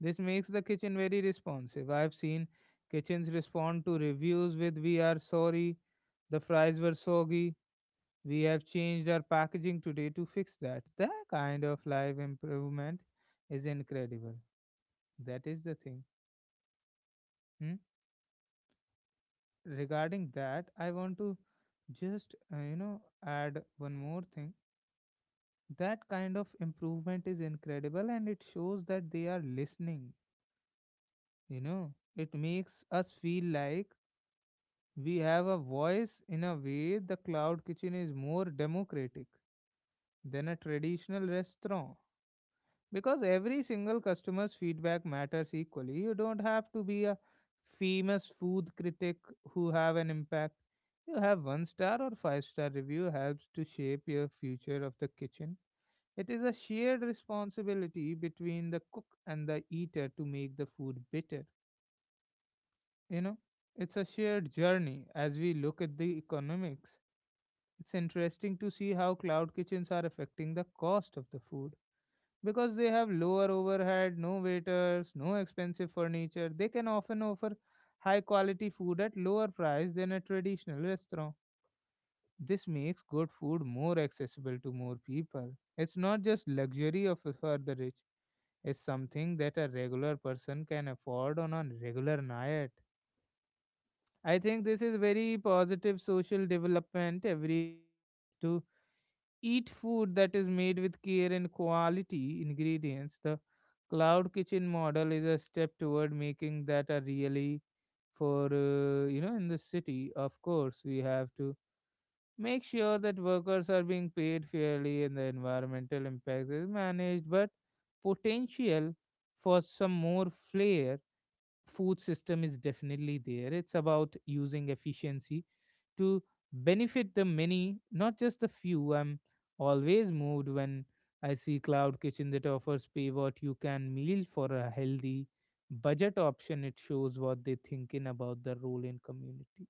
Speaker 1: This makes the kitchen very responsive. I have seen kitchens respond to reviews with, "We are sorry, the fries were soggy, we have changed our packaging today to fix that." That kind of live improvement is incredible. That is the thing. Hmm? Regarding that, I want to just add one more thing that kind of improvement is incredible and it shows that they are listening. You know, it makes us feel like we have a voice in a way the cloud kitchen is more democratic than a traditional restaurant because every single customer's feedback matters equally. You don't have to be a famous food critic who have an impact. You have one star or five-star review helps to shape your future of the kitchen. It is a shared responsibility between the cook and the eater to make the food better you know it's a shared journey. As we look at the economics, it's interesting to see how cloud kitchens are affecting the cost of the food because they have lower overhead, no waiters, no expensive furniture, they can often offer high quality food at lower price than a traditional restaurant. This makes good food more accessible to more people. It's not just luxury of for the rich. It's something that a regular person can afford on a regular night. I think this is very positive social development. Everyone deserves to eat food that is made with care and quality ingredients. The cloud kitchen model is a step toward making that a really for in the city. Of course, we have to make sure that workers are being paid fairly and the environmental impacts is managed. But potential for some more flair food system is definitely there. It's about using efficiency to benefit the many, not just the few. I'm always moved when I see cloud kitchen that offers pay what you can meal for a healthy budget option. It shows what they thinking about the role in community.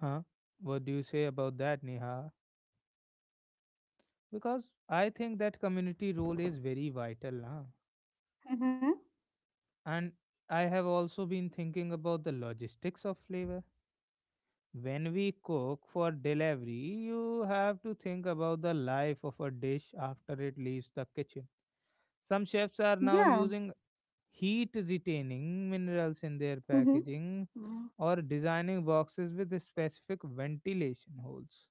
Speaker 1: Huh? What do you say about that, Neha? Because I think that community role is very vital, huh?
Speaker 2: Mm-hmm.
Speaker 1: And I have also been thinking about the logistics of flavor. When we cook for delivery, you have to think about the life of a dish after it leaves the kitchen. Some chefs are now
Speaker 2: Yeah.
Speaker 1: using heat retaining minerals in their
Speaker 2: Hmm.
Speaker 1: packaging or designing boxes with specific ventilation holes.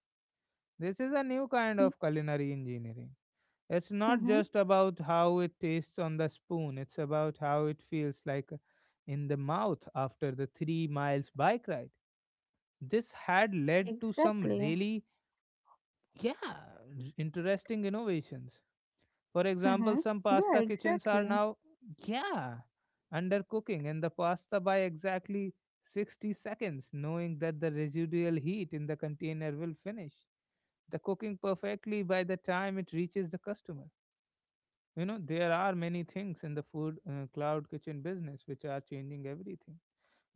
Speaker 1: This is a new kind of culinary engineering. It's not
Speaker 2: Mm-hmm.
Speaker 1: just about how it tastes on the spoon, it's about how it feels like in the mouth after the 3 miles bike ride. This had led to some
Speaker 2: Exactly.
Speaker 1: really, yeah, interesting innovations. For
Speaker 2: Hmm.
Speaker 1: example, some
Speaker 2: Yeah,
Speaker 1: pasta kitchens are
Speaker 2: exactly.
Speaker 1: now, yeah, undercooking and the pasta by exactly 60 seconds, knowing that the residual heat in the container will finish the cooking perfectly by the time it reaches the customer. You know, there are many things in the food cloud kitchen business which are changing everything.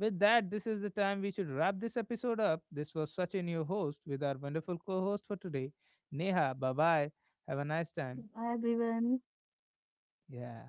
Speaker 1: With that, this is the time we should wrap this episode up. This was Sachin, your host, with our wonderful co host for today, Neha. Bye bye. Have a nice time.
Speaker 2: Bye, everyone.
Speaker 1: Yeah.